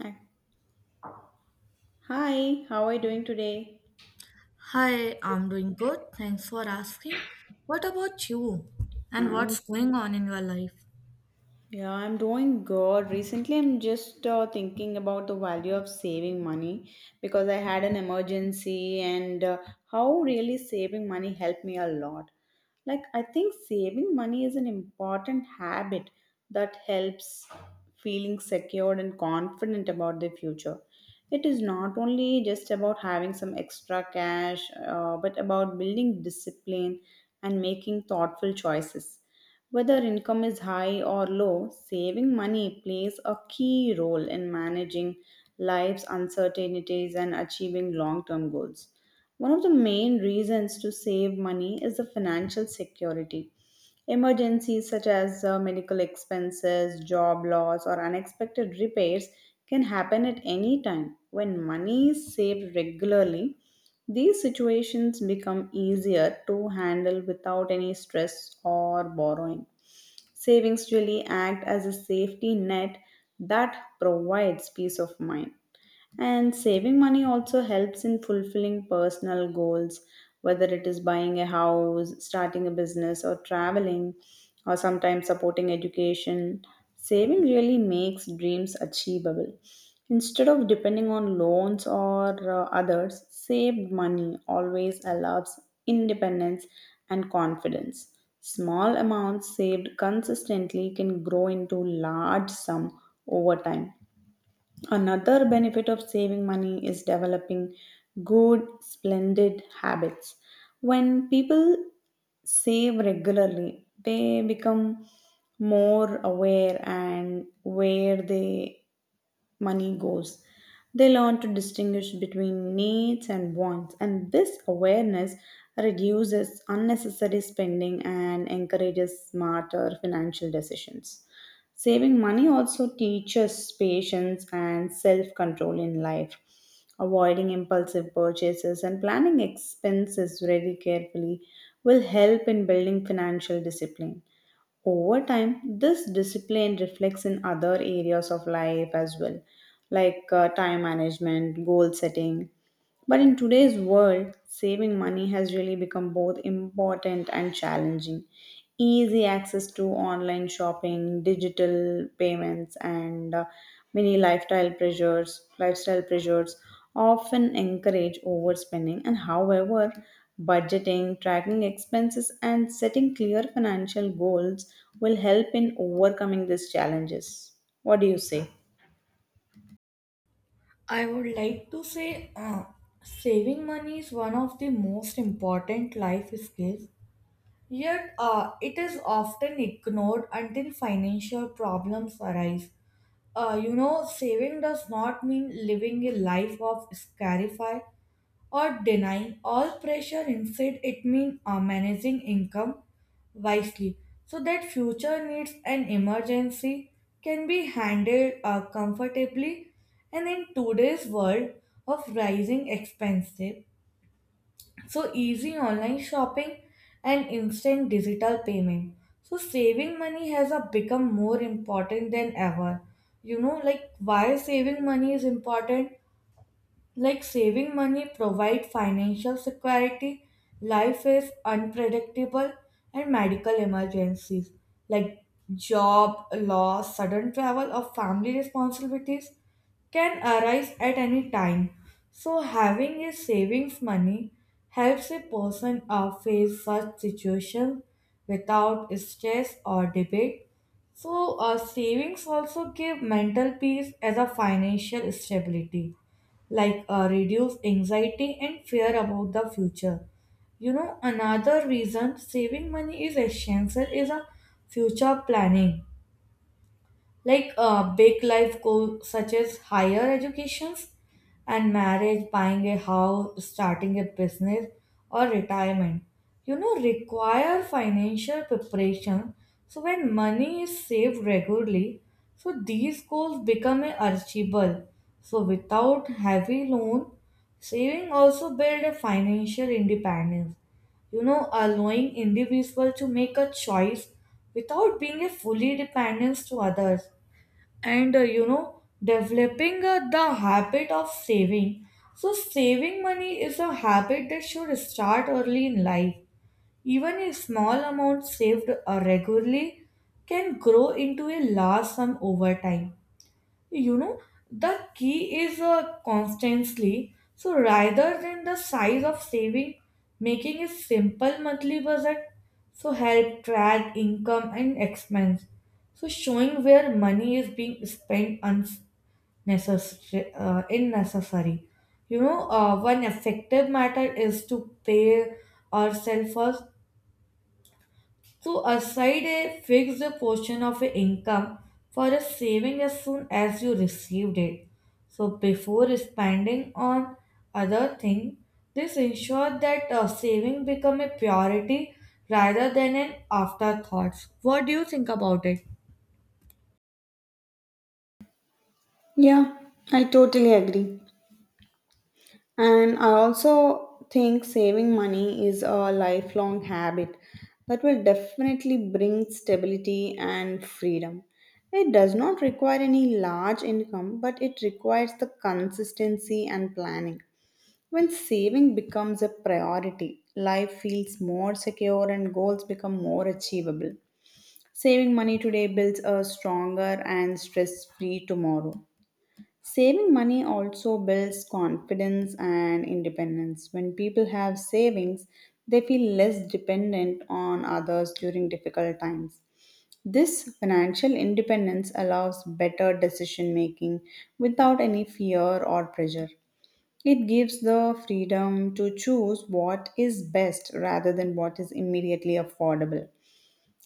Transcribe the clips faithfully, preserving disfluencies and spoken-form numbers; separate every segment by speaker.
Speaker 1: Hi, Hi, how are you doing today?
Speaker 2: Hi, I'm doing good. Thanks for asking. What about you? And
Speaker 1: I'm
Speaker 2: what's going on in your life?
Speaker 1: Yeah, I'm doing good. Recently, I'm just uh, thinking about the value of saving money because I had an emergency and uh, how really saving money helped me a lot. Like, I think saving money is an important habit that helps feeling secured and confident about the future. It is not only just about having some extra cash, uh, but about building discipline and making thoughtful choices. Whether income is high or low, saving money plays a key role in managing life's uncertainties and achieving long term goals. One of the main reasons to save money is the financial security. Emergencies such as uh, medical expenses, job loss, or unexpected repairs can happen at any time. When money is saved regularly, these situations become easier to handle without any stress or borrowing. Savings really act as a safety net that provides peace of mind. And saving money also helps in fulfilling personal goals, whether it is buying a house, starting a business, or traveling, or sometimes supporting education. Saving really makes dreams achievable. Instead of depending on loans or uh, others, saved money always allows independence and confidence. Small amounts saved consistently can grow into large sum over time. Another benefit of saving money is developing good, splendid habits. When people save regularly, they become more aware and where their money goes. They learn to distinguish between needs and wants, and this awareness reduces unnecessary spending and encourages smarter financial decisions. Saving money also teaches patience and self control in life. Avoiding impulsive purchases and planning expenses very carefully will help in building financial discipline. Over time, this discipline reflects in other areas of life as well, like uh, time management, goal setting, but in today's world, saving money has really become both important and challenging. Easy access to online shopping, digital payments, and uh, many lifestyle pressures, lifestyle pressures often encourage overspending. And however, budgeting, tracking expenses, and setting clear financial goals will help in overcoming these challenges. What do you say?
Speaker 2: I would like to say uh, saving money is one of the most important life skills, yet, uh, it is often ignored until financial problems arise. Uh, you know, saving does not mean living a life of scarcity, or denying all pressure. Instead it means uh, managing income wisely, so that future needs and emergency can be handled uh, comfortably. And in today's world of rising expenses, so easy online shopping and instant digital payment, so saving money has uh, become more important than ever. You know, like why saving money is important, like saving money provide financial security. Life is unpredictable and medical emergencies, like job loss, sudden travel or family responsibilities can arise at any time. So having a savings money helps a person uh, face such situations without stress or debate. So uh, savings also give mental peace as a financial stability, like uh, reduce anxiety and fear about the future. You know, another reason saving money is essential is a future planning, like uh, big life goals such as higher educations and marriage, buying a house, starting a business, or retirement, you know, require financial preparation. So when money is saved regularly, so these goals become achievable. So without heavy loan, saving also build a financial independence, you know, allowing individual to make a choice without being a fully dependence to others. And uh, you know, developing uh, the habit of saving, so saving money is a habit that should start early in life. Even a small amount saved uh, regularly can grow into a large sum over time. You know, the key is uh, constantly, so rather than the size of saving, making a simple monthly budget. So help track income and expense. So showing where money is being spent unnecessary, uh, unnecessary. You know, uh, one effective matter is to pay ourselves first. So aside a fixed portion of a income for a saving as soon as you received it. So before spending on other thing, this ensure that uh, saving become a priority rather than an afterthought. What do you think about it?
Speaker 1: Yeah, I totally agree. And I also think saving money is a lifelong habit that will definitely bring stability and freedom. It does not require any large income, but it requires the consistency and planning. When saving becomes a priority, life feels more secure and goals become more achievable. Saving money today builds a stronger and stress free tomorrow. Saving money also builds confidence and independence. When people have savings, they feel less dependent on others during difficult times. This financial independence allows better decision making without any fear or pressure. It gives the freedom to choose what is best rather than what is immediately affordable.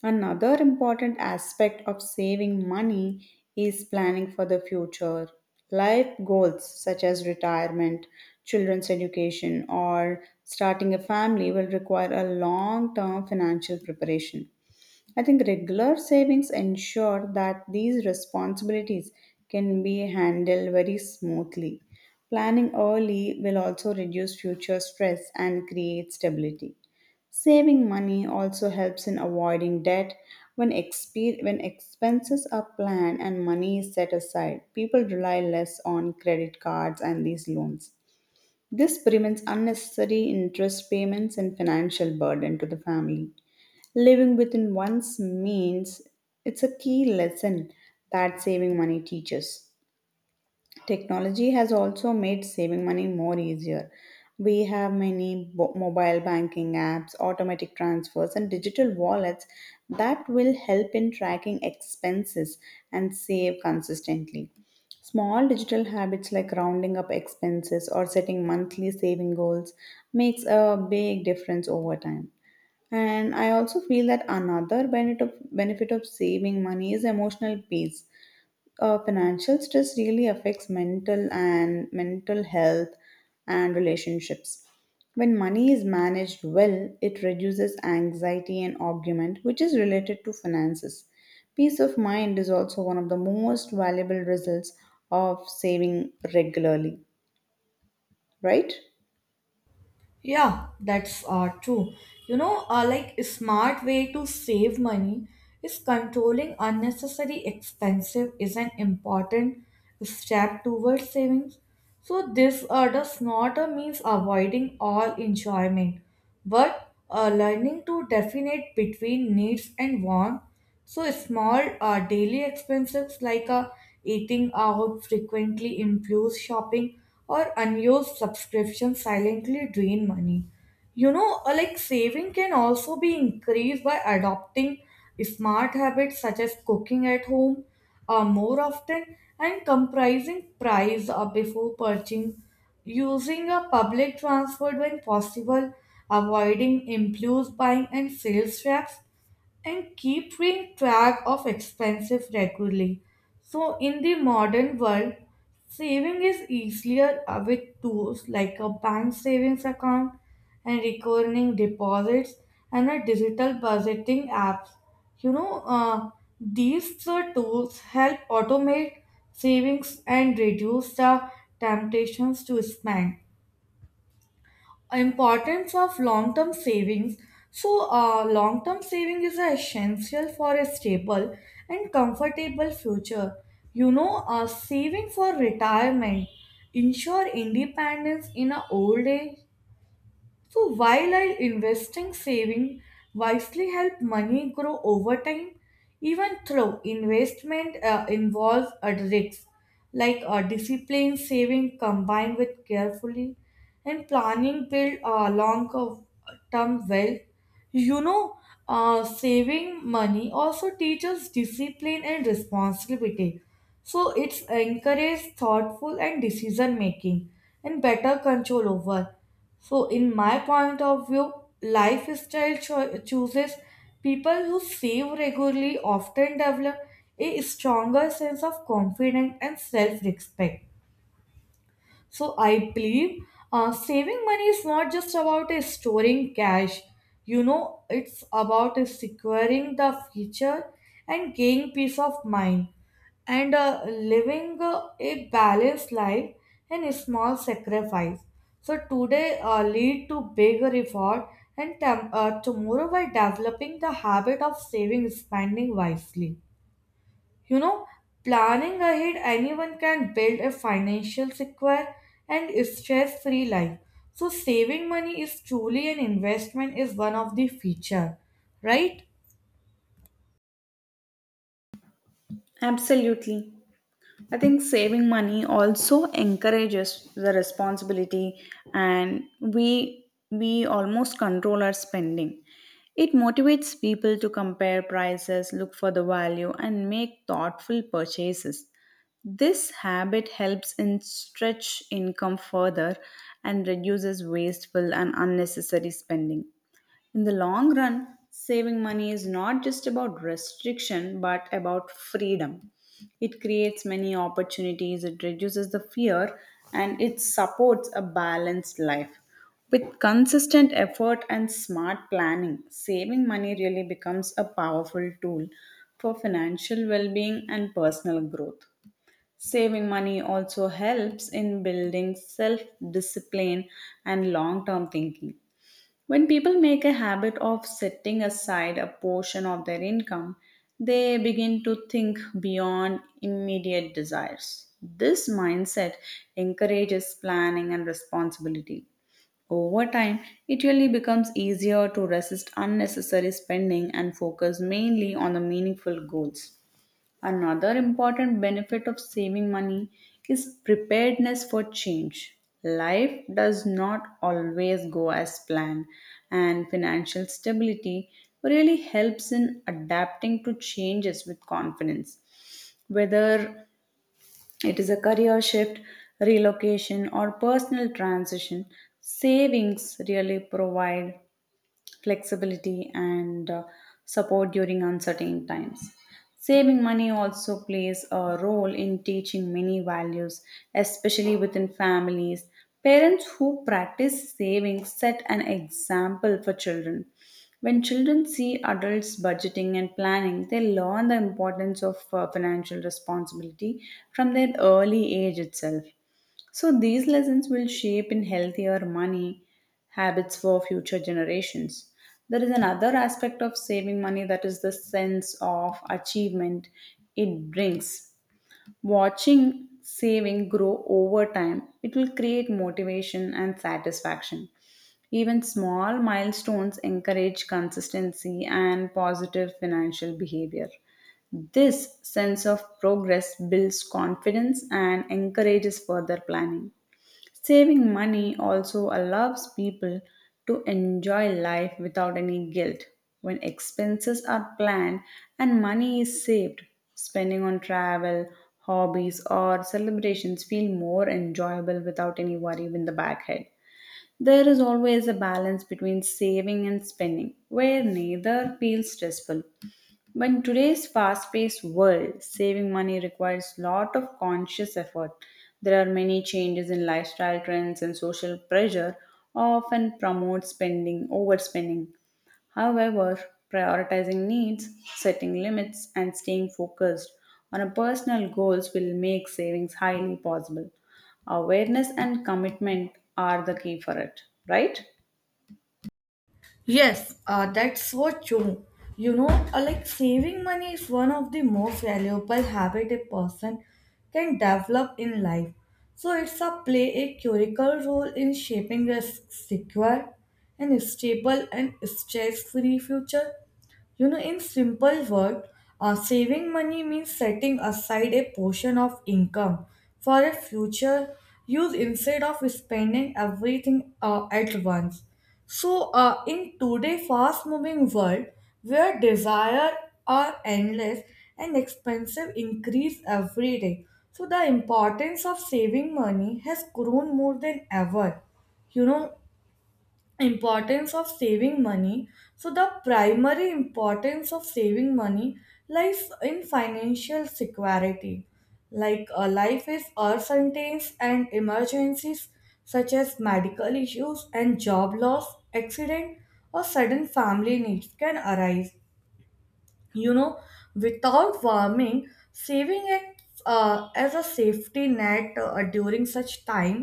Speaker 1: Another important aspect of saving money is planning for the future. Life goals such as retirement, children's education, or starting a family will require a long term financial preparation. I think regular savings ensure that these responsibilities can be handled very smoothly. Planning early will also reduce future stress and create stability. Saving money also helps in avoiding debt. When, expe- when expenses are planned and money is set aside, people rely less on credit cards and these loans. This prevents unnecessary interest payments and financial burden to the family. Living within one's means, it's a key lesson that saving money teaches. Technology has also made saving money more easier. We have many bo- mobile banking apps, automatic transfers, and digital wallets that will help in tracking expenses and save consistently. Small digital habits like rounding up expenses or setting monthly saving goals makes a big difference over time. And I also feel that another benefit of, benefit of saving money is emotional peace. Uh, financial stress really affects mental and mental health and relationships. When money is managed well, it reduces anxiety and argument, which is related to finances. Peace of mind is also one of the most valuable results of saving regularly, right?
Speaker 2: Yeah, that's uh, true. You know, uh, like a smart way to save money is controlling unnecessary expenses is an important step towards savings. So this uh, does not uh, means avoiding all enjoyment, but uh, learning to definite between needs and wants. So small uh, daily expenses like uh, eating out frequently, impulse shopping, or unused subscriptions silently drain money. You know, uh, like saving can also be increased by adopting smart habits such as cooking at home uh, more often, and comprising price uh, before purchasing, using a public transport when possible, avoiding impulse buying and sales traps, and keeping track of expenses regularly. So, in the modern world, saving is easier uh, with tools like a bank savings account and recurring deposits and a digital budgeting apps. You know, uh, these uh, tools help automate savings and reduce the temptations to spend. Importance of long term savings, so uh, long term saving is essential for a stable and comfortable future. You know, uh, saving for retirement ensure independence in a old age. So while I investing saving wisely help money grow over time, even though investment uh, involves a risk, like a disciplined saving combined with carefully and planning build a long term wealth. You know, uh, saving money also teaches discipline and responsibility. So it's encourages thoughtful and decision making and better control over. So, in my point of view, lifestyle cho- chooses, people who save regularly often develop a stronger sense of confidence and self respect. So I believe uh, saving money is not just about uh, storing cash. You know, it's about uh, securing the future and gaining peace of mind, and uh, living uh, a balanced life and a small sacrifice. So today uh, lead to big reward and tem- uh, tomorrow, by developing the habit of saving spending wisely. You know, planning ahead, anyone can build a financial secure and stress free life. So, saving money is truly an investment, is one of the feature, right?
Speaker 1: Absolutely. I think saving money also encourages the responsibility and we we almost control our spending. It motivates people to compare prices, look for the value and make thoughtful purchases. This habit helps in stretch income further and reduces wasteful and unnecessary spending. In the long run, saving money is not just about restriction but about freedom. It creates many opportunities, it reduces the fear, and it supports a balanced life. With consistent effort and smart planning, saving money really becomes a powerful tool for financial well being and personal growth. Saving money also helps in building self discipline and long term thinking. When people make a habit of setting aside a portion of their income, they begin to think beyond immediate desires. This mindset encourages planning and responsibility. Over time, it really becomes easier to resist unnecessary spending and focus mainly on the meaningful goals. Another important benefit of saving money is preparedness for change. Life does not always go as planned, and financial stability really helps in adapting to changes with confidence. Whether it is a career shift, relocation, or personal transition, savings really provide flexibility, and uh, support during uncertain times. Saving money also plays a role in teaching many values, especially within families. Parents who practice saving set an example for children. When children see adults budgeting and planning, they learn the importance of uh, financial responsibility from their early age itself. So these lessons will shape in healthier money habits for future generations. There is another aspect of saving money that is the sense of achievement it brings. Watching saving grow over time, it will create motivation and satisfaction. Even small milestones encourage consistency and positive financial behavior. This sense of progress builds confidence and encourages further planning. Saving money also allows people to enjoy life without any guilt. When expenses are planned and money is saved, spending on travel, hobbies, or celebrations feel more enjoyable without any worry in the back head. There is always a balance between saving and spending where neither feels stressful. But in today's fast-paced world, saving money requires lot of conscious effort. There are many changes in lifestyle trends and social pressure often promote spending, overspending. However, prioritizing needs, setting limits, and staying focused on a personal goals will make savings highly possible. Awareness and commitment are the key for it, right?
Speaker 2: Yes, uh, that's so true. You know, uh, like saving money is one of the most valuable habit a person can develop in life. So it's a play a critical role in shaping a s- secure and stable and stress-free future. You know, in simple word, uh, saving money means setting aside a portion of income for a future use instead of spending everything uh, at once. So, uh, in today's fast-moving world, where desire are endless and expensive increase every day, so the importance of saving money has grown more than ever. You know, importance of saving money, so the primary importance of saving money lies in financial security, like a life is uncertain and emergencies such as medical issues and job loss accident or sudden family needs can arise, you know, without warming saving it uh, as a safety net uh, during such time,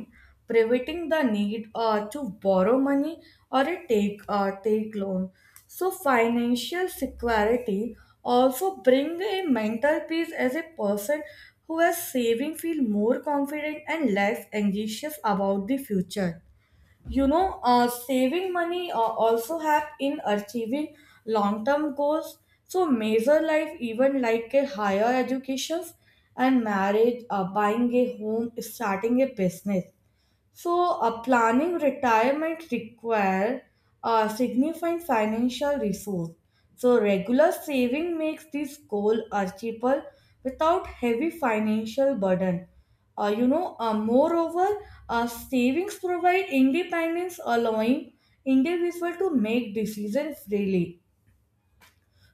Speaker 2: preventing the need uh, to borrow money or a take uh, take loan. So financial security also bring a mental peace, as a person who is saving feel more confident and less anxious about the future. You know, uh, saving money uh, also help in achieving long term goals. So measure life even like a higher education, and marriage, uh, buying a home, starting a business, so, uh, planning retirement require a significant financial resource. So, regular saving makes this goal achievable without heavy financial burden. Uh, you know, uh, moreover, uh, savings provide independence, allowing individual to make decisions freely.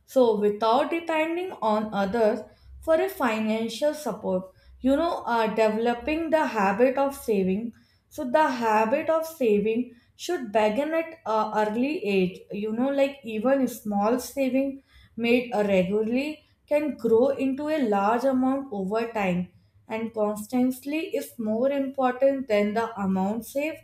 Speaker 2: So, without depending on others for a financial support, you know, uh, developing the habit of saving. So, the habit of saving should begin at uh, early age. You know, like even small saving made uh, regularly can grow into a large amount over time, and constantly is more important than the amount saved.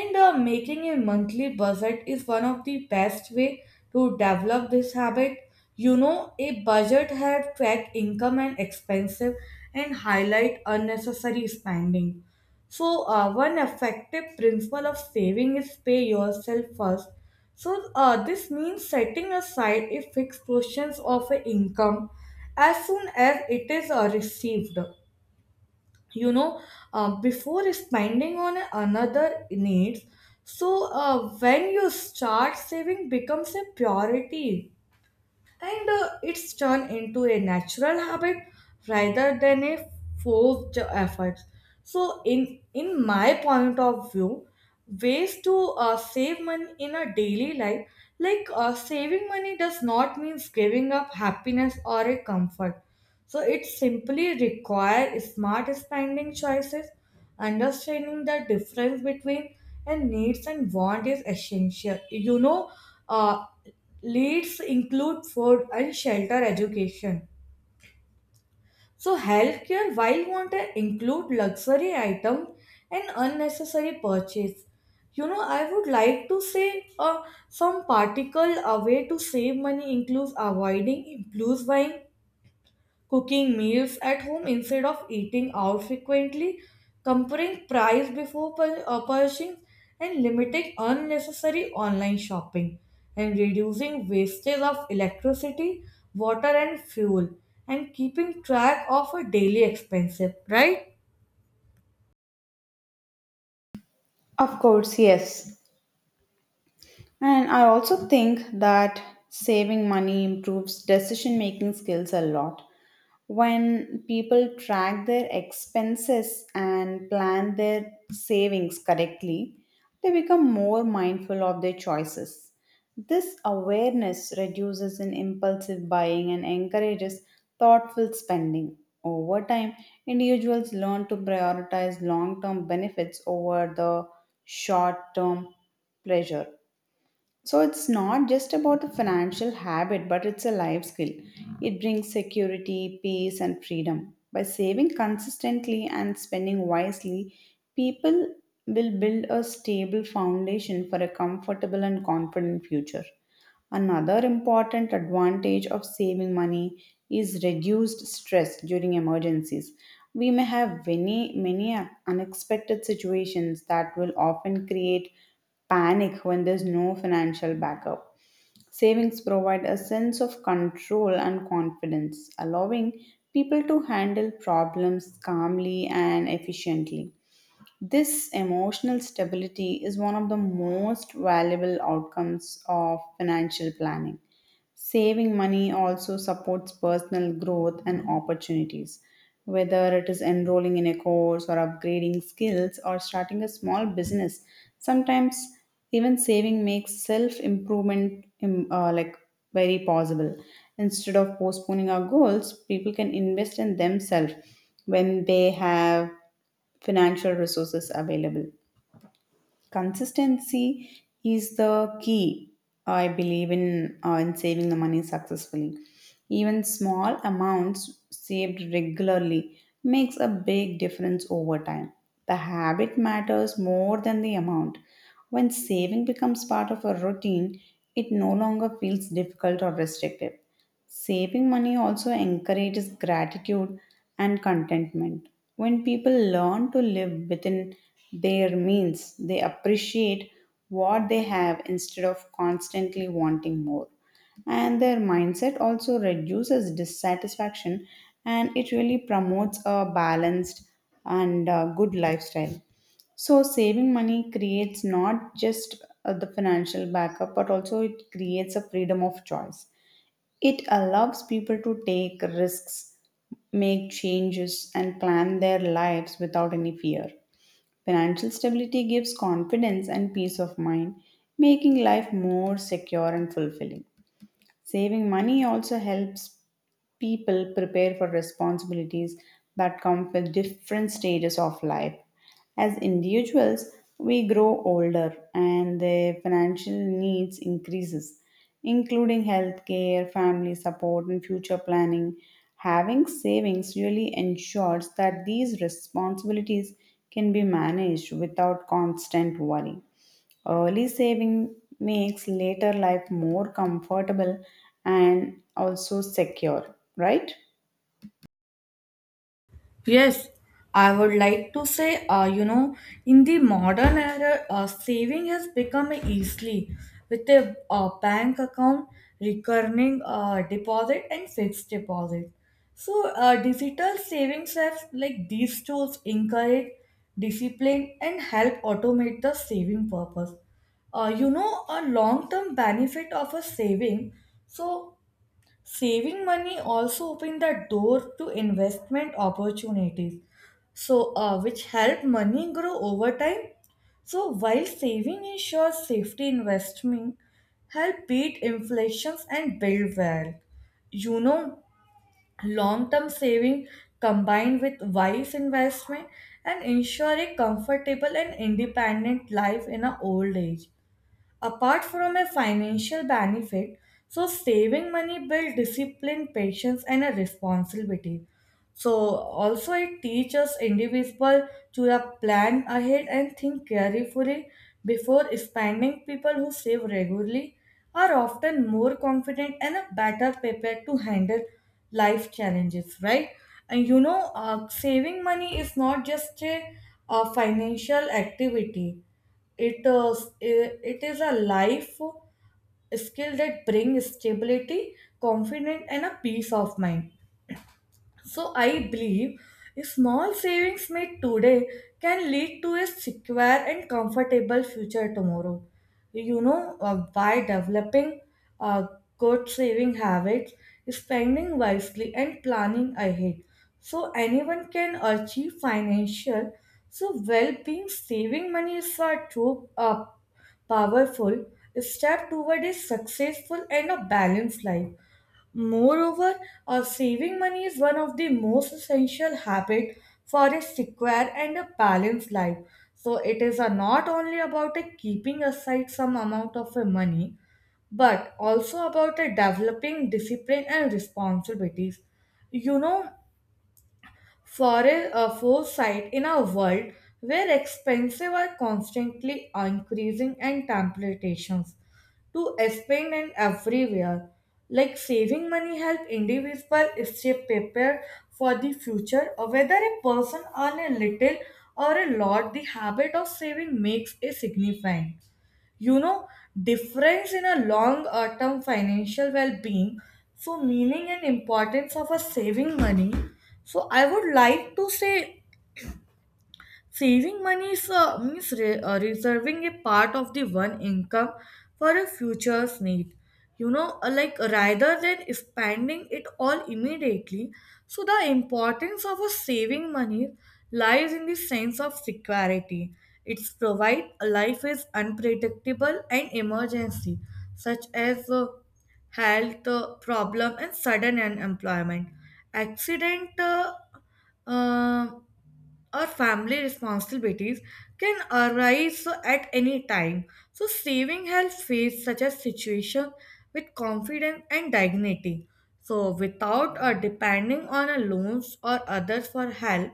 Speaker 2: And uh, making a monthly budget is one of the best way to develop this habit. You know, a budget helps track income and expenses and highlight unnecessary spending. So, uh, one effective principle of saving is pay yourself first. So, uh, this means setting aside a fixed portion of a income as soon as it is uh, received. You know, uh, before spending on another needs, so uh, when you start saving becomes a priority, and uh, it's turned into a natural habit rather than a forced effort. So in in my point of view, ways to uh, save money in a daily life, like uh, saving money does not mean giving up happiness or a comfort. So it simply requires smart spending choices. Understanding the difference between and needs and want is essential. You know, uh, leads include food and shelter education. So healthcare, while wanted, include luxury item and unnecessary purchase. You know, I would like to say uh, some particle a way to save money includes avoiding impulse buying, cooking meals at home instead of eating out frequently, comparing price before pur- uh, purchasing, and limiting unnecessary online shopping, and reducing wastage of electricity, water, and fuel, and keeping track of a daily expenses, right?
Speaker 1: Of course, yes. And I also think that saving money improves decision making skills a lot. When people track their expenses and plan their savings correctly, they become more mindful of their choices. This awareness reduces in impulsive buying and encourages thoughtful spending. Over time, individuals learn to prioritize long term benefits over the short term pleasure. So it's not just about a financial habit, but it's a life skill. It brings security, peace, and freedom. By saving consistently and spending wisely, people will build a stable foundation for a comfortable and confident future. Another important advantage of saving money is reduced stress during emergencies. We may have many, many unexpected situations that will often create panic when there's no financial backup. Savings provide a sense of control and confidence, allowing people to handle problems calmly and efficiently. This emotional stability is one of the most valuable outcomes of financial planning. Saving money also supports personal growth and opportunities. Whether it is enrolling in a course or upgrading skills or starting a small business, sometimes even saving makes self improvement like very possible. Instead of postponing our goals, people can invest in themselves when they have financial resources available. Consistency is the key, I believe, in, uh, in saving the money successfully. Even small amounts saved regularly makes a big difference over time. The habit matters more than the amount. When saving becomes part of a routine, it no longer feels difficult or restrictive. Saving money also encourages gratitude and contentment. When people learn to live within their means, they appreciate what they have instead of constantly wanting more. And their mindset also reduces dissatisfaction and it really promotes a balanced and uh, good lifestyle. So, saving money creates not just uh, the financial backup, but also it creates a freedom of choice. It allows people to take risks, make changes, and plan their lives without any fear. Financial stability gives confidence and peace of mind, making life more secure and fulfilling. Saving money also helps people prepare for responsibilities that come with different stages of life. As individuals, we grow older and their financial needs increases, including healthcare, family support and future planning. Having savings really ensures that these responsibilities can be managed without constant worry. Early saving makes later life more comfortable and also secure, right?
Speaker 2: Yes, I would like to say, uh, you know, in the modern era, uh, saving has become easily with a uh, bank account, recurring uh, deposit, and fixed deposit. So, uh, digital savings apps like these tools encourage discipline and help automate the saving purpose. Uh, you know, a long term benefit of a saving, so saving money also opened the door to investment opportunities, so uh, which help money grow over time. So while saving ensures safety, investment help beat inflations and build wealth. You know, long-term saving combined with wise investment and ensure a comfortable and independent life in a old age, apart from a financial benefit. So saving money builds discipline patience and a responsibility, so also it teaches individual to uh, plan ahead and think carefully before spending. People who save regularly are often more confident and are better prepared to handle life challenges, right? And you know, uh, saving money is not just a, a financial activity. It, uh, it is a life skill that brings stability, confidence, and a peace of mind. So I believe small savings made today can lead to a secure and comfortable future tomorrow. You know, uh, by developing uh, good saving habits, spending wisely, and planning ahead. So anyone can achieve financial so well-being. Saving money is a true uh, powerful step toward a successful and a balanced life. Moreover, uh, saving money is one of the most essential habits for a secure and a balanced life. So it is uh, not only about uh, keeping aside some amount of uh, money, but also about uh, developing discipline and responsibilities. You know, for a foresight in a world where expenses are constantly increasing and temptations to spend and everywhere. Like saving money help individual stay prepared for the future, or whether a person earn a little or a lot, the habit of saving makes a significant, you know, difference in a long uh, term financial well-being. So meaning and importance of a saving money, so I would like to say, saving money is, uh, means re- uh, reserving a part of the one income for a future's need. You know, uh, like rather than spending it all immediately. So, the importance of a saving money lies in the sense of security. It's provide life is unpredictable and emergency, such as uh, health uh, problem and sudden unemployment, accident. Uh, uh, or family responsibilities can arise so at any time. So saving helps face such a situation with confidence and dignity. So without or depending on a loans or others for help.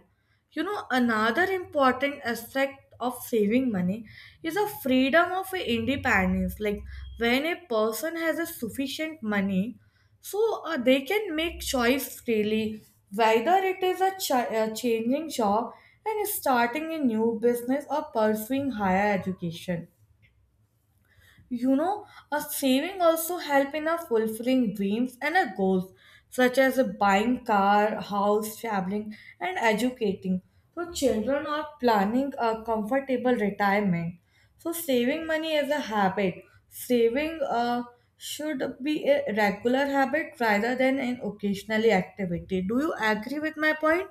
Speaker 2: You know, another important aspect of saving money is a freedom of independence. Like when a person has a sufficient money, so uh, they can make choice freely, whether it is a, chi- a changing job and starting a new business or pursuing higher education. You know, a saving also help in a fulfilling dreams and a goals, such as a buying car, house, traveling and educating. So children are planning a comfortable retirement. So saving money is a habit. Saving uh, should be a regular habit rather than an occasionally activity. Do you agree with my point?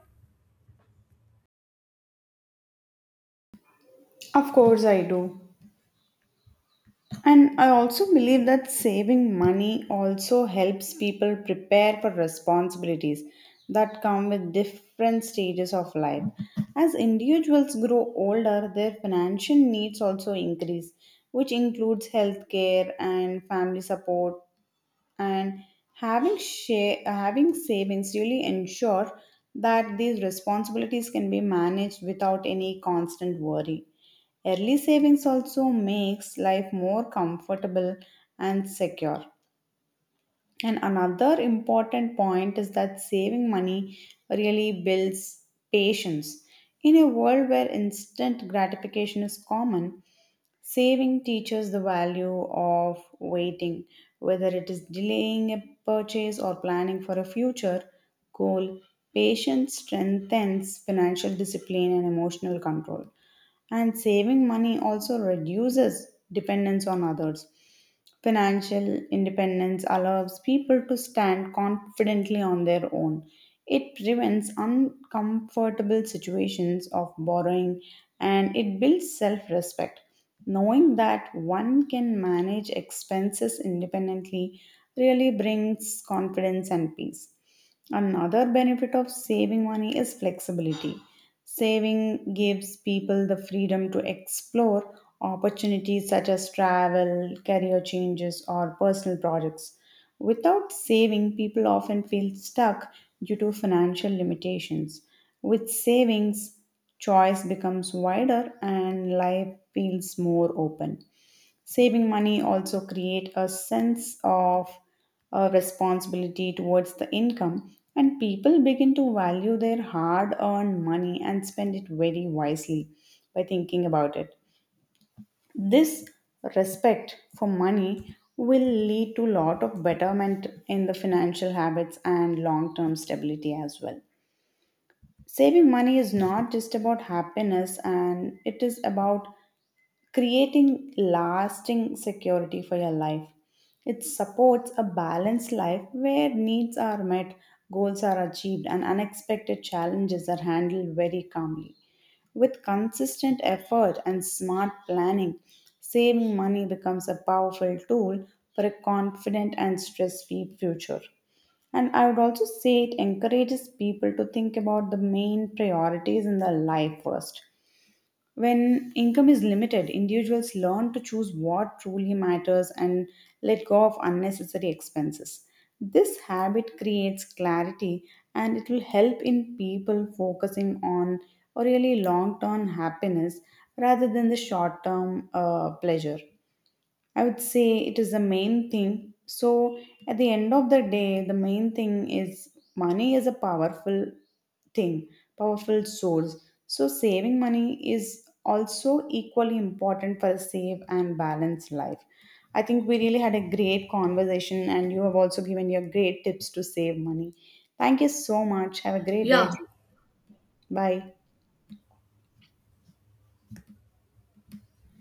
Speaker 1: Of course, I do. And I also believe that saving money also helps people prepare for responsibilities that come with different stages of life. As individuals grow older, their financial needs also increase, which includes healthcare and family support and having share, having savings really ensure that these responsibilities can be managed without any constant worry early savings also makes life more comfortable and secure and another important point is that saving money really builds patience in a world where instant gratification is common. Saving teaches the value of waiting, whether it is delaying a purchase or planning for a future goal. Patience strengthens financial discipline and emotional control and saving money also reduces dependence on others. Financial independence allows people to stand confidently on their own. It prevents uncomfortable situations of borrowing and it builds self respect. Knowing that one can manage expenses independently really brings confidence and peace. Another benefit of saving money is flexibility. Saving gives people the freedom to explore opportunities such as travel, career changes, or personal projects. Without saving, people often feel stuck due to financial limitations. With savings, choice becomes wider and life feels more open. Saving money also create a sense of uh, responsibility towards the income and people begin to value their hard earned money and spend it very wisely by thinking about it. This respect for money will lead to lot of betterment in the financial habits and long term stability as well. Saving money is not just about happiness and it is about creating lasting security for your life. It supports a balanced life where needs are met, goals are achieved, and unexpected challenges are handled very calmly. With consistent effort and smart planning, saving money becomes a powerful tool for a confident and stress free future. And I would also say it encourages people to think about the main priorities in their life first when income is limited, individuals learn to choose what truly matters and let go of unnecessary expenses. This habit creates clarity and it will help in people focusing on a really long term happiness rather than the short term uh, pleasure. I would say it is the main thing. So, at the end of the day, the main thing is money is a powerful thing, powerful source. So, saving money is also equally important for a safe and balanced life. I think we really had a great conversation, and you have also given your great tips to save money. Thank you so much. Have a great day.
Speaker 2: Yeah.
Speaker 1: Bye.